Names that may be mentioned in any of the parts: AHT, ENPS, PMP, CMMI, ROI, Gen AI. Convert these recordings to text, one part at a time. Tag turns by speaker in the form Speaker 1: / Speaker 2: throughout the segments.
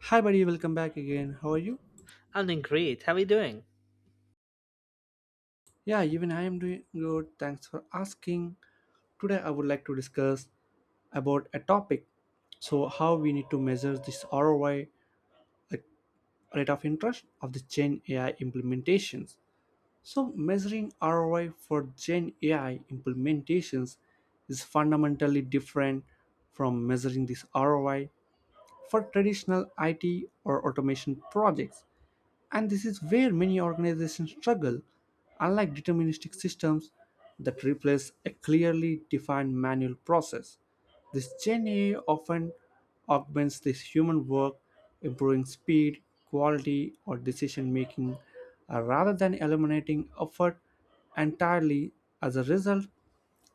Speaker 1: Hi, buddy, welcome back again. How are you?
Speaker 2: I'm doing great. How are you doing?
Speaker 1: Yeah, even I am doing good. Thanks for asking. Today, I would like to discuss about a topic. So, how we need to measure this ROI, rate of interest of the Gen AI implementations? So, measuring ROI for Gen AI implementations is fundamentally different from measuring this ROI for traditional IT or automation projects, and this is where many organizations struggle. Unlike deterministic systems that replace a clearly defined manual process, this Gen AI often augments this human work, improving speed, quality, or decision making, rather than eliminating effort entirely. As a result,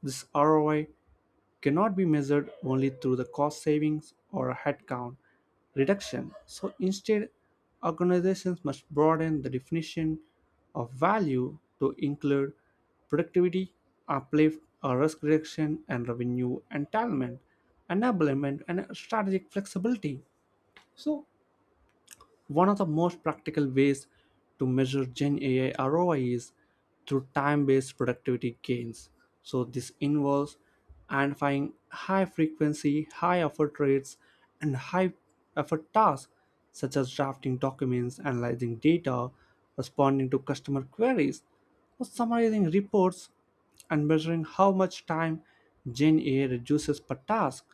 Speaker 1: this ROI cannot be measured only through the cost savings or a headcount reduction. So instead, organizations must broaden the definition of value to include productivity, uplift, or risk reduction, and revenue entitlement, enablement, and strategic flexibility. So one of the most practical ways to measure Gen AI ROI is through time based productivity gains. So, this involves identifying high frequency, high effort rates, and high effort tasks such as drafting documents, analyzing data, responding to customer queries, or summarizing reports, and measuring how much time Gen AI reduces per task.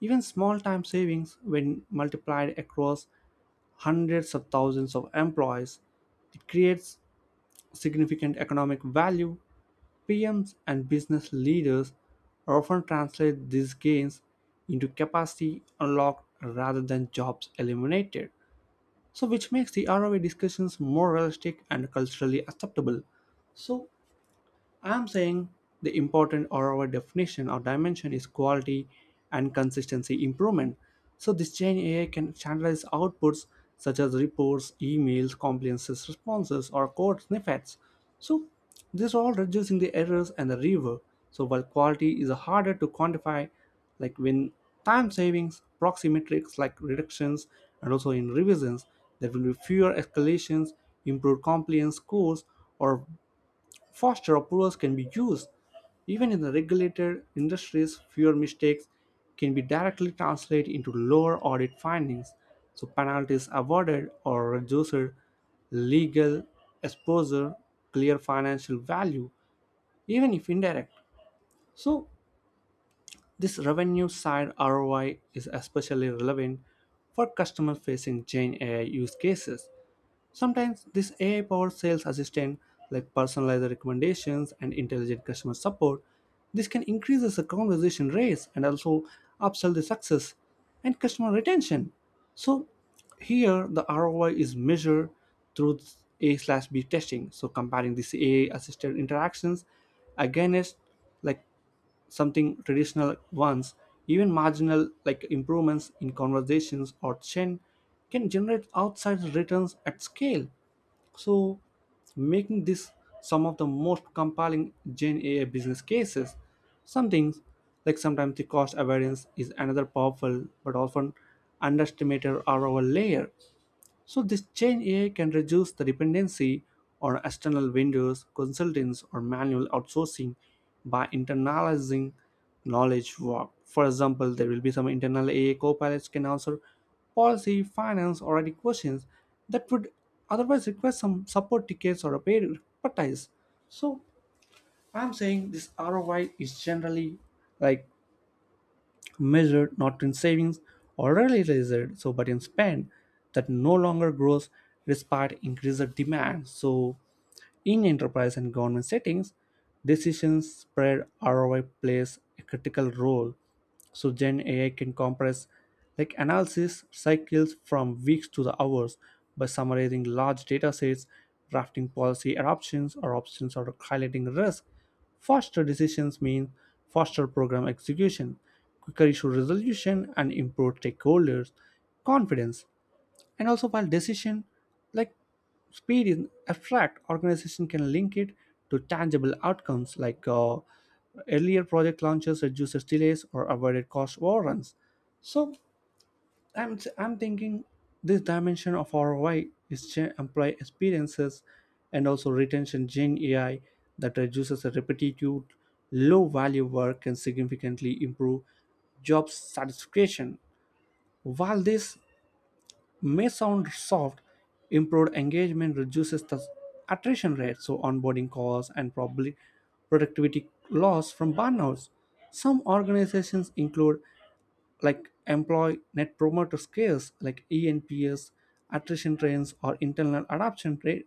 Speaker 1: Even small time savings, when multiplied across hundreds of thousands of employees, it creates significant economic value. PMs and business leaders often translate these gains into capacity unlocked rather than jobs eliminated. So, which makes the ROI discussions more realistic and culturally acceptable. So, I'm saying the important or our definition or dimension is quality and consistency improvement. So this Gen AI can standardize outputs such as reports, emails, compliances, responses, or code snippets. So this all reducing the errors and the rework. So while quality is harder to quantify, like when time savings, proxy metrics like reductions, and also in revisions, there will be fewer escalations, improved compliance scores, or faster approvals can be used. Even in the regulated industries, fewer mistakes can be directly translated into lower audit findings, so penalties awarded or reduced legal exposure, clear financial value, even if indirect. So, this revenue side ROI is especially relevant for customer facing Gen AI use cases. Sometimes this AI-powered sales assistant, like personalized recommendations and intelligent customer support, this can increase the conversation rates and also upsell the success and customer retention. So here the ROI is measured through A slash B testing. So comparing these AI assisted interactions against like something traditional ones, even marginal like improvements in conversations or chain can generate outsized returns at scale. So, making this some of the most compelling Gen AI business cases. Some things, like sometimes the cost avoidance is another powerful but often underestimated ROI layer. So this change AI can reduce the dependency on external vendors, consultants, or manual outsourcing by internalizing knowledge work. For example, there will be some internal AI copilots can answer policy, finance, or other questions that would otherwise request some support tickets or a paid expertise. So I'm saying this ROI is generally like measured not in savings already raised, so but in spend that no longer grows despite increased demand. So in enterprise and government settings, decisions spread ROI plays a critical role. So Gen AI can compress like analysis cycles from weeks to the hours by summarizing large data sets, drafting policy adoptions or options or highlighting risk. Faster decisions mean faster program execution, quicker issue resolution, and improved stakeholders' confidence, and also while decision like speed in abstract organization can link it to tangible outcomes like earlier project launches, reduces delays or avoided cost overruns. So I'm thinking this dimension of ROI is gen- employee experiences and also retention. Gen AI that reduces the repetitive low value work can significantly improve job satisfaction. While this may sound soft, improved engagement reduces the attrition rate, so onboarding costs and probably productivity loss from burnouts. Some organizations include like employee net promoter scales, like ENPS, attrition trends, or internal adoption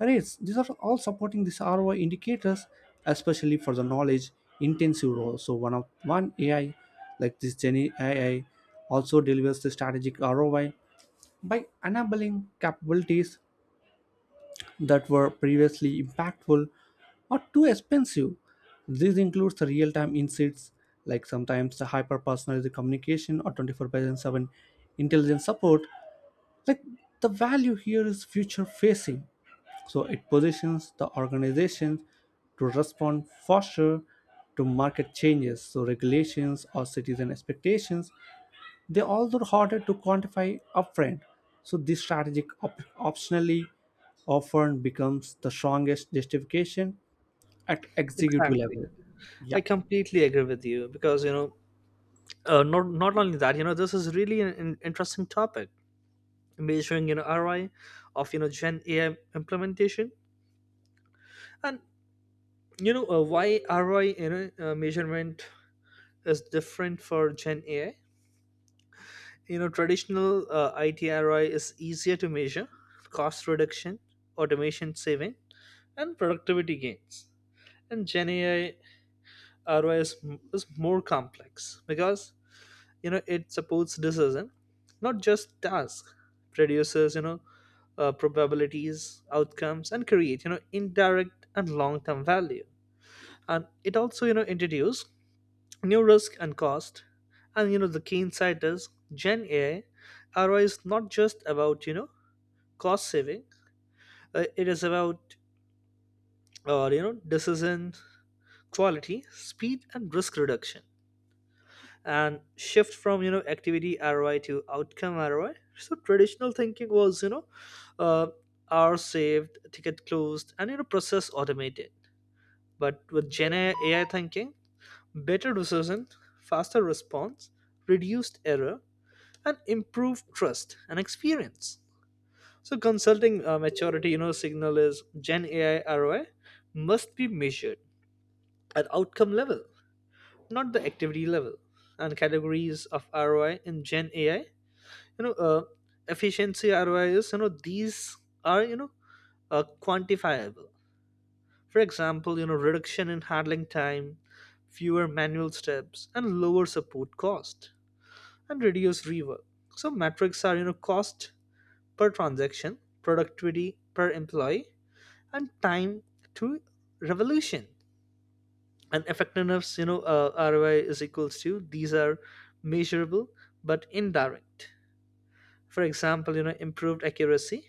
Speaker 1: rates. These are all supporting these ROI indicators, especially for the knowledge intensive role. So one of one AI like this Gen AI also delivers the strategic ROI by enabling capabilities that were previously impactful or too expensive. This includes the real-time insights, like sometimes the hyper-personalized communication or 24/7 intelligence support. Like the value here is future-facing, so it positions the organization to respond faster to market changes, so regulations or citizen expectations, they are also harder to quantify upfront, so this strategic op- optionally often becomes the strongest justification at executive
Speaker 2: Exactly.
Speaker 1: level.
Speaker 2: I
Speaker 1: Yeah,
Speaker 2: completely agree with you because not only that, this is really an interesting topic, measuring ROI of Gen AI implementation, and why ROI measurement is different for Gen AI. Traditional IT ROI is easier to measure, cost reduction, automation saving, and productivity gains, and Gen AI ROI is more complex because it supports decision, not just task, produces probabilities outcomes, and create indirect and long-term value, and it also introduce new risk and cost. And the key insight is Gen AI ROI is not just about cost saving. It is about decision quality, speed and risk reduction, and shift from activity ROI to outcome ROI. So traditional thinking was uh, hour saved, ticket closed, and process automated. But with Gen AI thinking, better decision, faster response, reduced error, and improved trust and experience. So consulting, maturity, signal is Gen AI ROI must be measured at outcome level, not the activity level, and categories of ROI in Gen AI, you know uh, efficiency ROIs, these are quantifiable. For example, reduction in handling time, fewer manual steps, and lower support cost, and reduce rework. So metrics are cost per transaction, productivity per employee, and time to revolution. And effectiveness, ROI is equals to, these are measurable but indirect. For example, improved accuracy,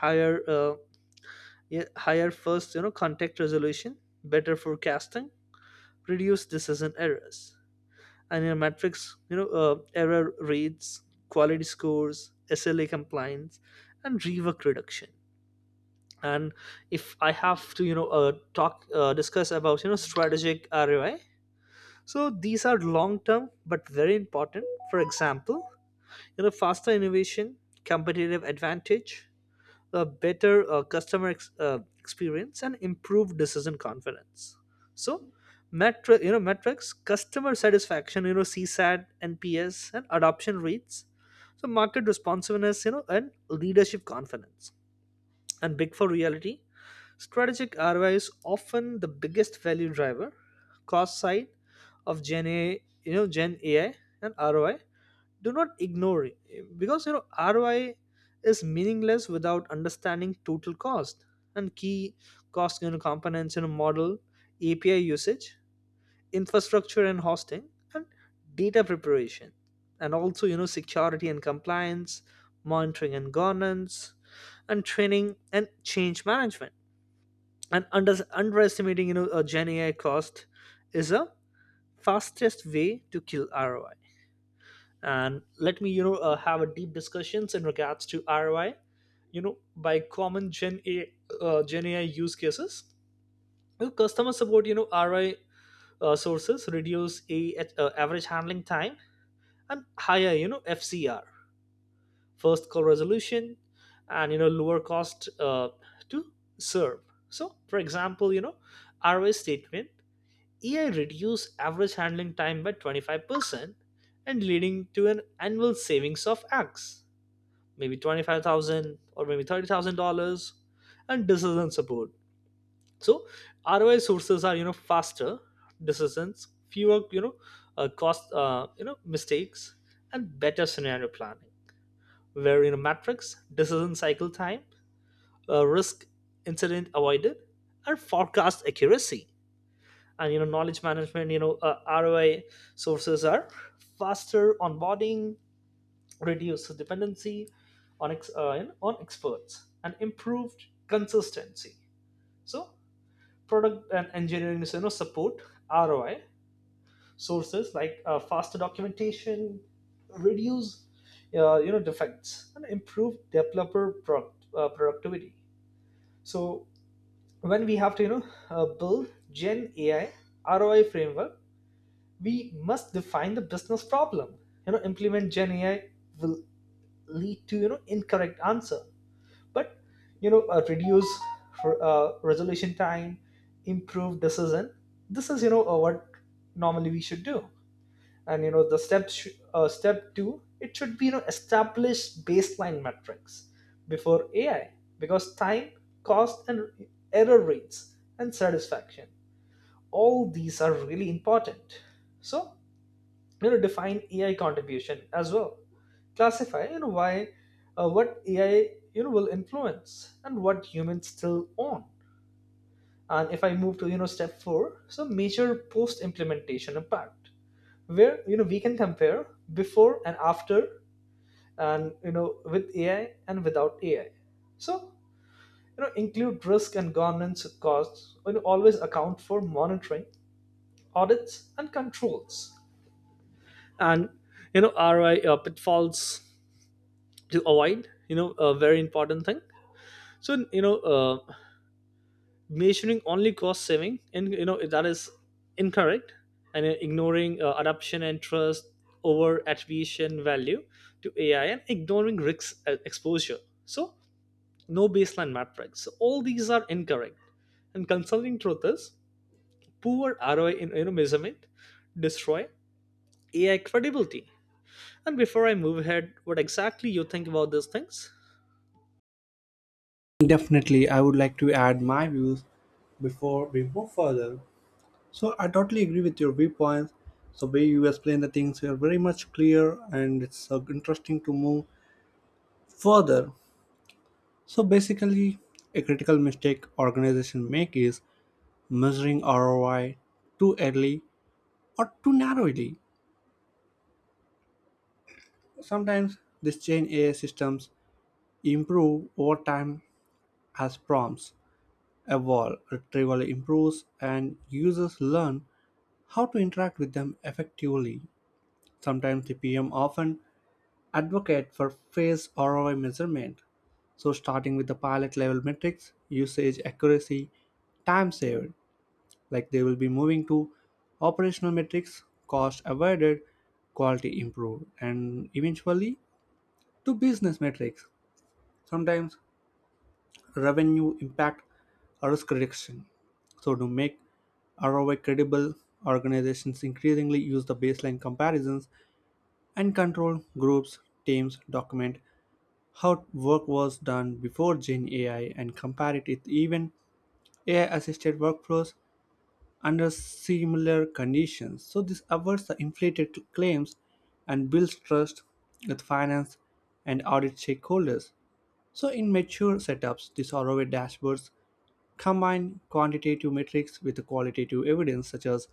Speaker 2: higher, yeah, higher first contact resolution, better forecasting, reduced decision errors. And your metrics, error rates, quality scores, SLA compliance, and rework reduction. And if I have to talk discuss about strategic ROI. So these are long term but very important. For example, faster innovation, competitive advantage, a better, customer experience, and improved decision confidence. So metrics, customer satisfaction, CSAT, NPS and adoption rates, so market responsiveness, and leadership confidence. And big for reality, strategic ROI is often the biggest value driver. Cost side of gen a you know Gen AI and ROI, do not ignore it, because ROI is meaningless without understanding total cost. And key cost, components in a model, API usage, infrastructure and hosting, and data preparation, and also security and compliance, monitoring and governance, and training and change management. And underestimating, a Gen AI cost is a fastest way to kill ROI. And let me, have a deep discussions in regards to ROI, by common Gen AI use cases. You know, customer support, ROI, sources, reduce a, average handling time, and higher, FCR, first call resolution, and lower cost to serve. So for example, ROI statement: AI reduce average handling time by 25% and leading to an annual savings of X, maybe 25,000 or maybe $30,000, and decision support. So ROI sources are, faster decisions, fewer, cost, mistakes, and better scenario planning, where, metrics, decision cycle time, risk incident avoided, and forecast accuracy, and, you know, knowledge management, ROI sources are faster onboarding, reduce dependency on on experts, and improved consistency. So product and engineering is, support, ROI sources, like, faster documentation, reduce, defects, and improve developer productivity. So when we have to build Gen AI ROI framework, we must define the business problem, implement Gen AI will lead to incorrect answer, but reduce resolution time, improve decision. This is what normally we should do. And the step two, it should be establish baseline metrics before AI, because time, cost, and error rates, and satisfaction, all these are really important. So define AI contribution as well, classify you know why what AI will influence and what humans still own. And if I move to step 4. So measure post implementation impact, where we can compare before and after, and with AI and without AI. So include risk and governance costs, always account for monitoring, audits, and controls. And you know ROI, pitfalls to avoid, a very important thing. So measuring only cost saving, and that is incorrect, and ignoring, adoption and trust, over attribution value to AI, and ignoring risk, exposure. So no baseline metrics. So all these are incorrect. And consulting truth is, poor ROI in, measurement, destroy AI credibility. And before I move ahead, what exactly you think about these things?
Speaker 1: definitely. I would like to add my views before we move further. So I totally agree with your viewpoints. So way you explain the things are very much clear, and it's interesting to move further. So basically, a critical mistake organization make is measuring ROI too early or too narrowly. Sometimes these Gen AI systems improve over time as prompts evolve, retrieval improves, and users learn how to interact with them effectively. Sometimes the PM often advocate for phase ROI measurement. So starting with the pilot level metrics, usage accuracy, time saved, like they will be moving to operational metrics, cost avoided, quality improved, and eventually to business metrics, sometimes revenue impact or risk reduction. So to make ROI credible, organizations increasingly use the baseline comparisons and control groups, teams document how work was done before Gen AI and compare it with even AI assisted workflows under similar conditions. So this avoids the inflated claims and builds trust with finance and audit stakeholders. So, in mature setups, the survey dashboards combine quantitative metrics with qualitative evidence such as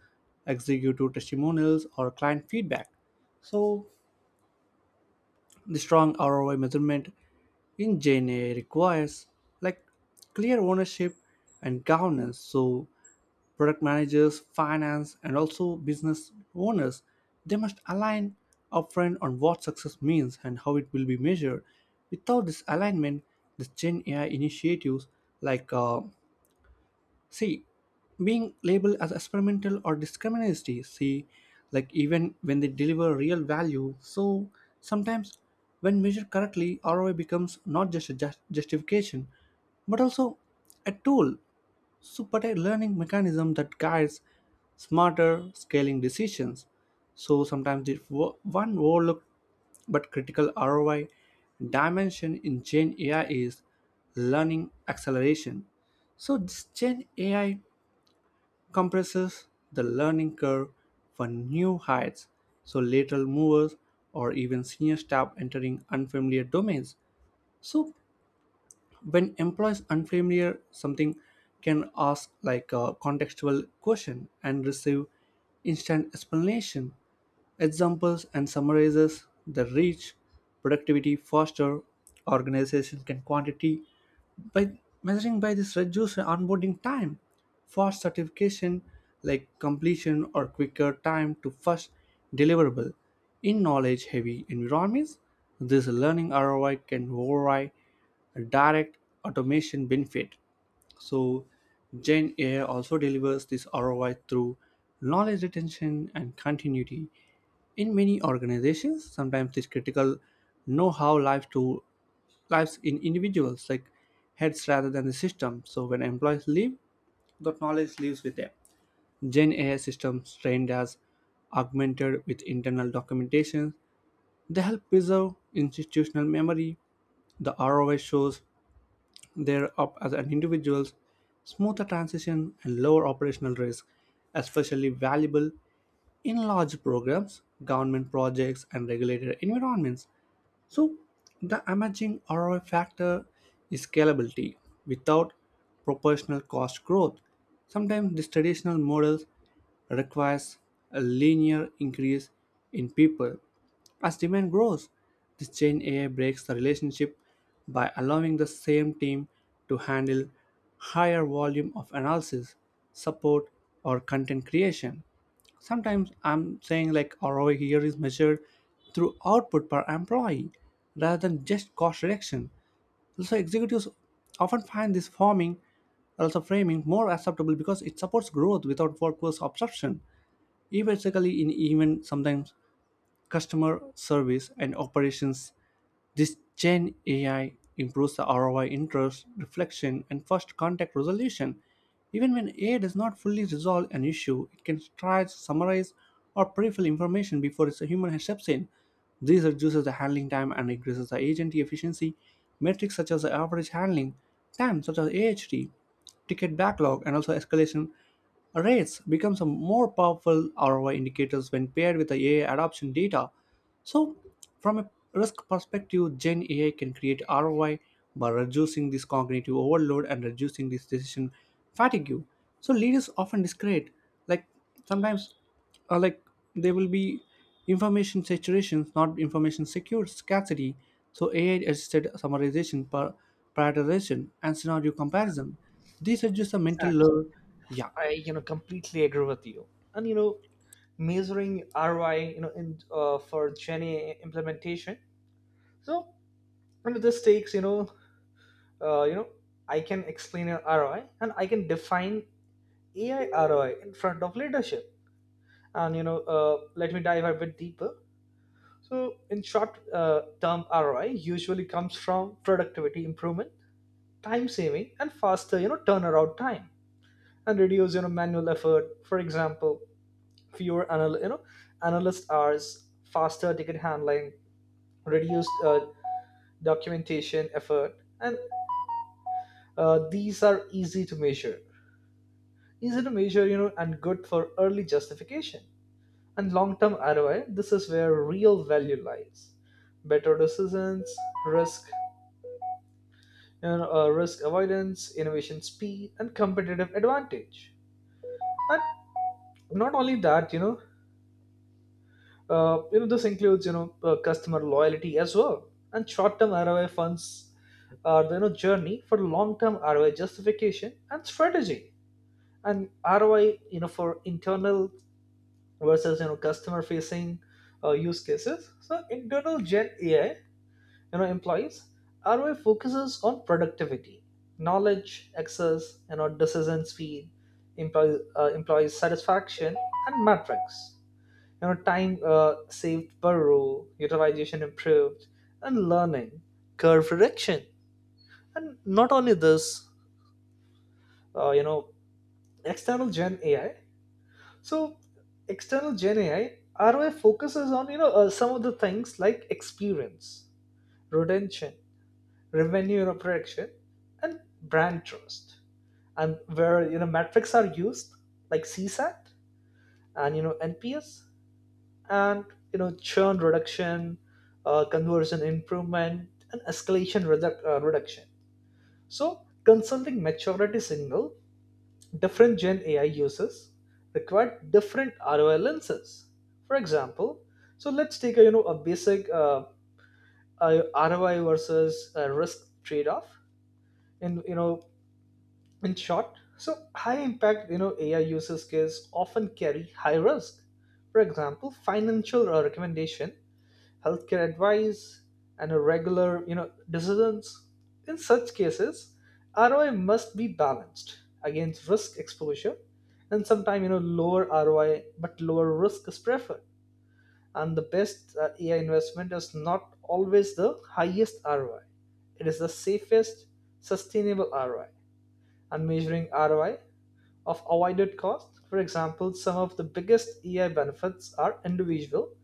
Speaker 1: executive testimonials or client feedback. So, the strong ROI measurement in JNA requires like clear ownership and governance. So, product managers, finance, and also business owners, they must align upfront on what success means and how it will be measured. Without this alignment, the Gen AI initiatives like uh, see being labeled as experimental or discriminatory. See, like even when they deliver real value, so sometimes when measured correctly, ROI becomes not just a ju- justification but also a tool, so but a learning mechanism that guides smarter scaling decisions. So sometimes the wo- one overlooked but critical ROI dimension in Gen AI is learning acceleration. So this Gen AI compresses the learning curve for new heights. So lateral movers or even senior staff entering unfamiliar domains. So when employees unfamiliar something can ask like a contextual question and receive instant explanation, examples, and summarizes the reach productivity faster. Organization can quantity by measuring by this reduced onboarding time, fast certification like completion, or quicker time to first deliverable. In knowledge heavy environments, this learning ROI can override direct automation benefit. So Gen AI also delivers this ROI through knowledge retention and continuity. In many organizations, sometimes this critical know-how lives to lives in individuals, like heads rather than the system. So when employees leave, that knowledge lives with them. Gen AI systems trained as augmented with internal documentation. They help preserve institutional memory. The ROI shows they're up as an individuals, smoother transition and lower operational risk, especially valuable in large programs, government projects, and regulated environments. So, the emerging ROI factor is scalability without proportional cost growth. Sometimes these traditional models requires a linear increase in people. As demand grows, this Gen AI breaks the relationship by allowing the same team to handle higher volume of analysis, support, or content creation. Sometimes I'm saying like ROI here is measured through output per employee rather than just cost reduction. So executives often find this forming also framing more acceptable because it supports growth without workforce absorption, eventually in even sometimes customer service and operations. This Gen AI improves the ROI interest, reflection, and first contact resolution. Even when AI does not fully resolve an issue, it can try to summarize or prefill information before its human steps in. This reduces the handling time and increases the agent efficiency. Metrics such as the average handling time, such as AHT, ticket backlog, and also escalation rates becomes a more powerful ROI indicators when paired with the AI adoption data. So, from a risk perspective, Gen AI can create ROI by reducing this cognitive overload and reducing this decision fatigue. So, leaders often discredit, like sometimes, like there will be information saturation, not information secure scarcity. So, AI-assisted summarization, par- prioritization, and scenario comparison. These reduce the mental
Speaker 2: Exactly.
Speaker 1: load. Yeah,
Speaker 2: I completely agree with you. And measuring ROI in, for Jenny implementation. So under this takes uh, you know I can explain an ROI, and I can define AI ROI in front of leadership. And let me dive a bit deeper. So in short, term ROI usually comes from productivity improvement, time saving, and faster turnaround time, and reduce manual effort. For example, fewer analyst hours, faster ticket handling, reduced documentation effort, and these are easy to measure, and good for early justification. And long term ROI, this is where real value lies: better decisions, risk, risk avoidance, innovation speed, and competitive advantage. And not only that, this includes customer loyalty as well, and short-term ROI funds are the journey for long-term ROI justification and strategy. And ROI for internal versus customer-facing, use cases. So internal Gen AI, employees ROI focuses on productivity, knowledge access, decision speed, employee satisfaction, and metrics time saved per row, utilization improved, and learning curve reduction. And not only this, uh, you know external gen ai so external Gen AI ROI focuses on some of the things like experience, retention, revenue protection, and brand trust. And where metrics are used, like CSAT, and NPS, and churn reduction, conversion improvement, and escalation reduction. So consulting maturity signal: different Gen AI uses require different ROI lenses. For example, so let's take a you know a basic, a ROI versus a risk trade-off, in you know in short. So high impact, AI uses case often carry high risk. For example, financial, recommendation, healthcare advice, and a regular decisions. In such cases, ROI must be balanced against risk exposure. And sometimes, lower ROI but lower risk is preferred. And the best, AI investment is not always the highest ROI. It is the safest, sustainable ROI. And measuring ROI of avoided costs. For example, some of the biggest EI benefits are individual.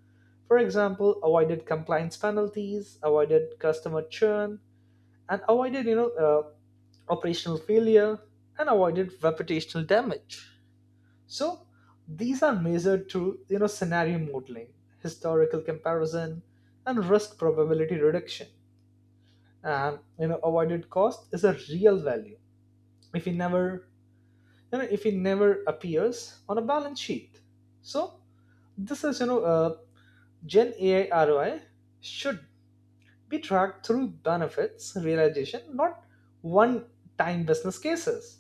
Speaker 2: For example, avoided compliance penalties, avoided customer churn, and avoided operational failure, and avoided reputational damage. So these are measured through scenario modeling, historical comparison, and risk probability reduction. And avoided cost is a real value, If we never you know, if it never appears on a balance sheet. So this is, Gen AI ROI should be tracked through benefits realization, not one-time business cases.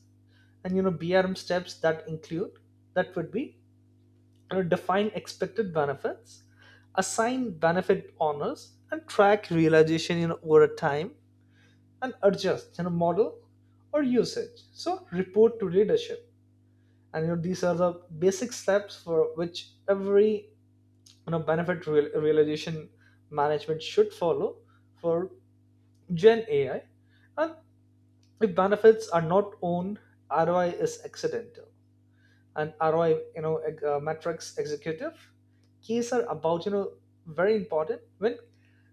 Speaker 2: And BRM steps that include, that would be define expected benefits, assign benefit owners, and track realization over time, and adjust model or usage. So report to leadership. And these are the basic steps for which every benefit realization management should follow for Gen AI. And if benefits are not owned, ROI is accidental. An ROI, metrics executive. Keys are about, very important when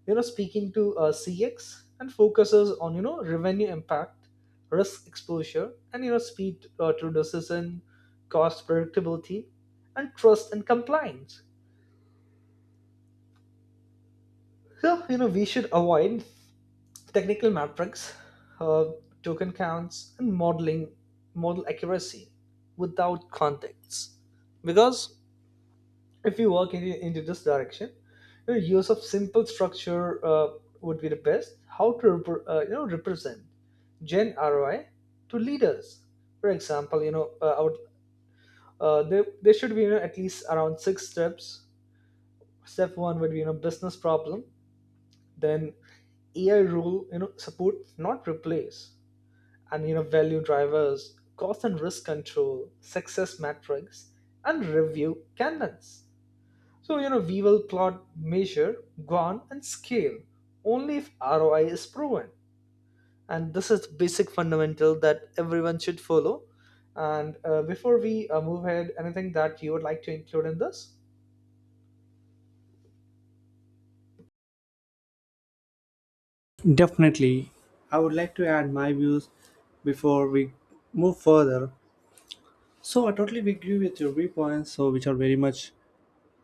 Speaker 2: speaking to, CX, and focuses on revenue impact, risk exposure, and speed, to decision, cost predictability, and trust and compliance. So we should avoid technical metrics, uh, token counts, and model accuracy without context. Because if you work into this direction, use of simple structure would be the best, how to represent Gen ROI to leaders. For example, there should be at least around six steps. Step one would be business problem, then AI rule support, not replace, and value drivers, cost and risk control, success metrics, and review canons. So we will plot, measure, guan, and scale only if ROI is proven. And this is the basic fundamental that everyone should follow. And before we move ahead, anything that you would like to include in this?
Speaker 1: definitely. I would like to add my views before we move further. So I totally agree with your viewpoints, so which are very much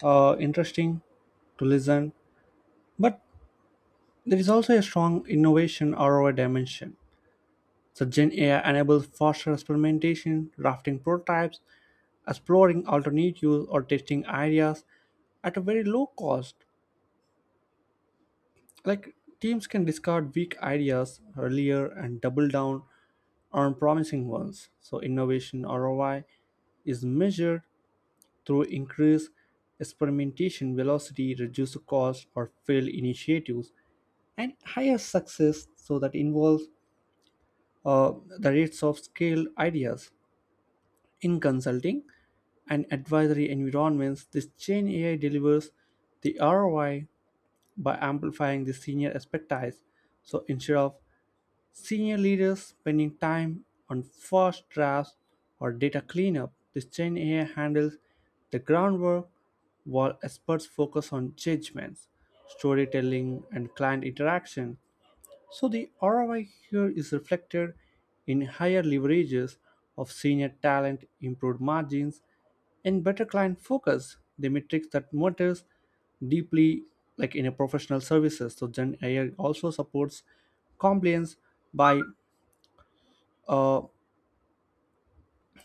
Speaker 1: interesting to listen. But there is also a strong innovation ROI dimension. So Gen AI enables faster experimentation, drafting prototypes, exploring alternatives, or testing ideas at a very low cost. Like teams can discard weak ideas earlier and double down on promising ones. So, innovation ROI is measured through increased experimentation velocity, reduced cost, or failed initiatives, and higher success. So, that involves the rates of scaled ideas. In consulting and advisory environments, this chain AI delivers the ROI by amplifying the senior expertise. So, instead of senior leaders spending time on first drafts or data cleanup, the Gen AI handles the groundwork while experts focus on judgments, storytelling, and client interaction. So the ROI here is reflected in higher leverages of senior talent, improved margins, and better client focus, the metrics that matters deeply like in a professional services. So Gen AI also supports compliance by uh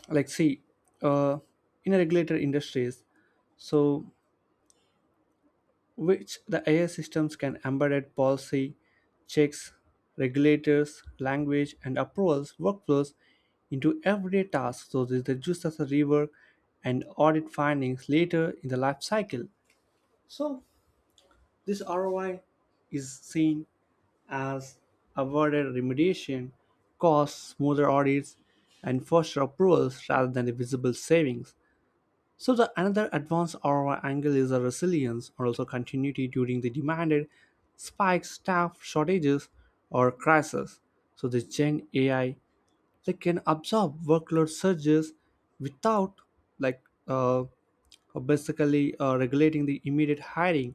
Speaker 1: like see uh in a regulated industries. So which the AI systems can embed policy, checks, regulators, language, and approvals workflows into everyday tasks so this reduces the rework and audit findings later in the life cycle. So this ROI is seen as avoided remediation, costs, smoother audits, and faster approvals rather than the visible savings. So the another advanced ROI angle is the resilience or also continuity during the demanded spikes, staff shortages, or crises. So the Gen AI they can absorb workload surges without like uh, basically regulating the immediate hiring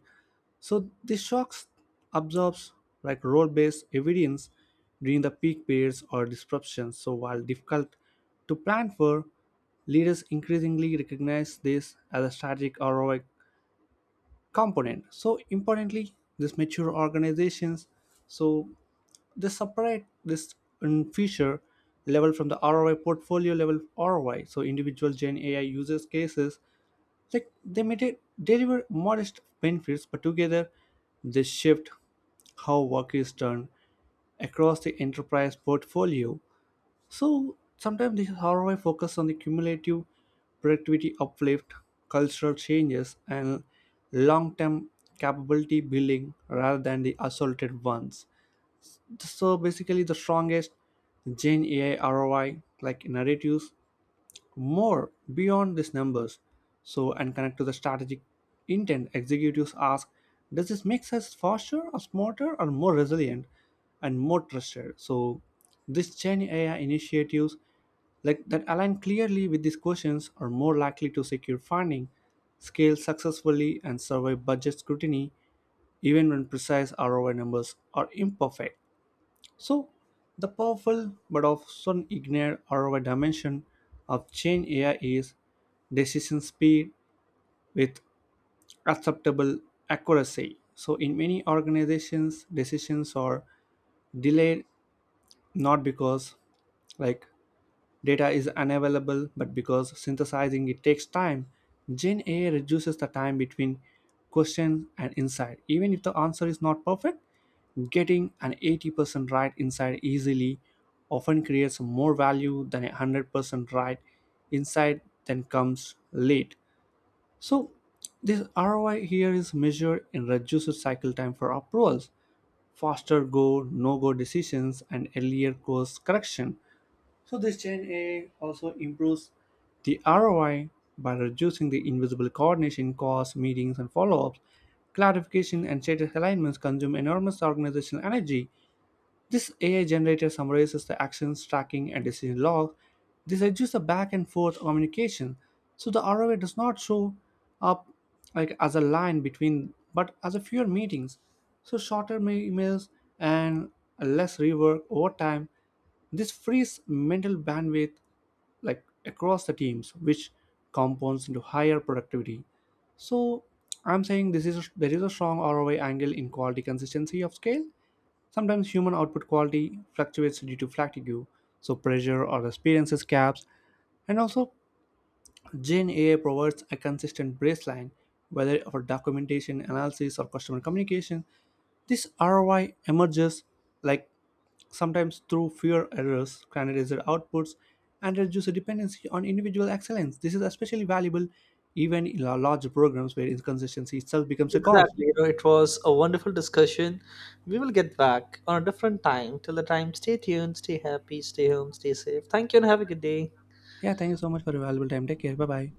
Speaker 1: so this shocks absorbs like role-based evidence during the peak periods or disruptions. So while difficult to plan for, leaders increasingly recognize this as a strategic ROI component. So importantly, these mature organizations, so they separate this in future level from the ROI portfolio level ROI. So individual Gen AI users cases like they may deliver modest benefits, but together they shift how work is done across the enterprise portfolio. So sometimes this is how I focus on the cumulative productivity uplift, cultural changes, and long-term capability building rather than the isolated ones. So basically, the strongest Gen AI ROI like narratives more beyond these numbers. So, and connect to the strategic intent, executives ask, does this make us faster or smarter or more resilient and more trusted? So, these Gen AI initiatives like that align clearly with these questions are more likely to secure funding, scale successfully, and survive budget scrutiny even when precise ROI numbers are imperfect. So, the powerful but often ignored other dimension of Gen AI is decision speed with acceptable accuracy. So, in many organizations, decisions are delayed not because like data is unavailable, but because synthesizing it takes time, Gen AI reduces the time between question and insight. Even if the answer is not perfect, getting an 80% right insight easily often creates more value than a 100% right insight that comes late. So this ROI here is measured in reduced cycle time for approvals, faster go, no go decisions, and earlier course correction. So this Gen AI also improves the ROI by reducing the invisible coordination costs, meetings and follow-ups. Clarification and status alignments consume enormous organizational energy this AI generator summarizes the actions, tracking, and decision log. This reduces the back and forth communication, so the ROI does not show up like as a line between, but as a fewer meetings. So shorter emails and less rework over time. This frees mental bandwidth like across the teams, which compounds into higher productivity. So I'm saying this is there is a strong ROI angle in quality consistency of scale. Sometimes human output quality fluctuates due to fatigue, so pressure or experiences gaps, and also Gen AI provides a consistent baseline, whether for documentation, analysis, or customer communication. This ROI emerges like sometimes through fewer errors, standardized outputs, and reduces dependency on individual excellence. This is especially valuable even in large programs where inconsistency itself becomes a cost.
Speaker 2: Exactly. It was a wonderful discussion. We will get back on a different time. Till the time, stay tuned, stay happy, stay home, stay safe. Thank you and have a good day.
Speaker 1: Yeah, thank you so much for your valuable time. Take care. Bye bye.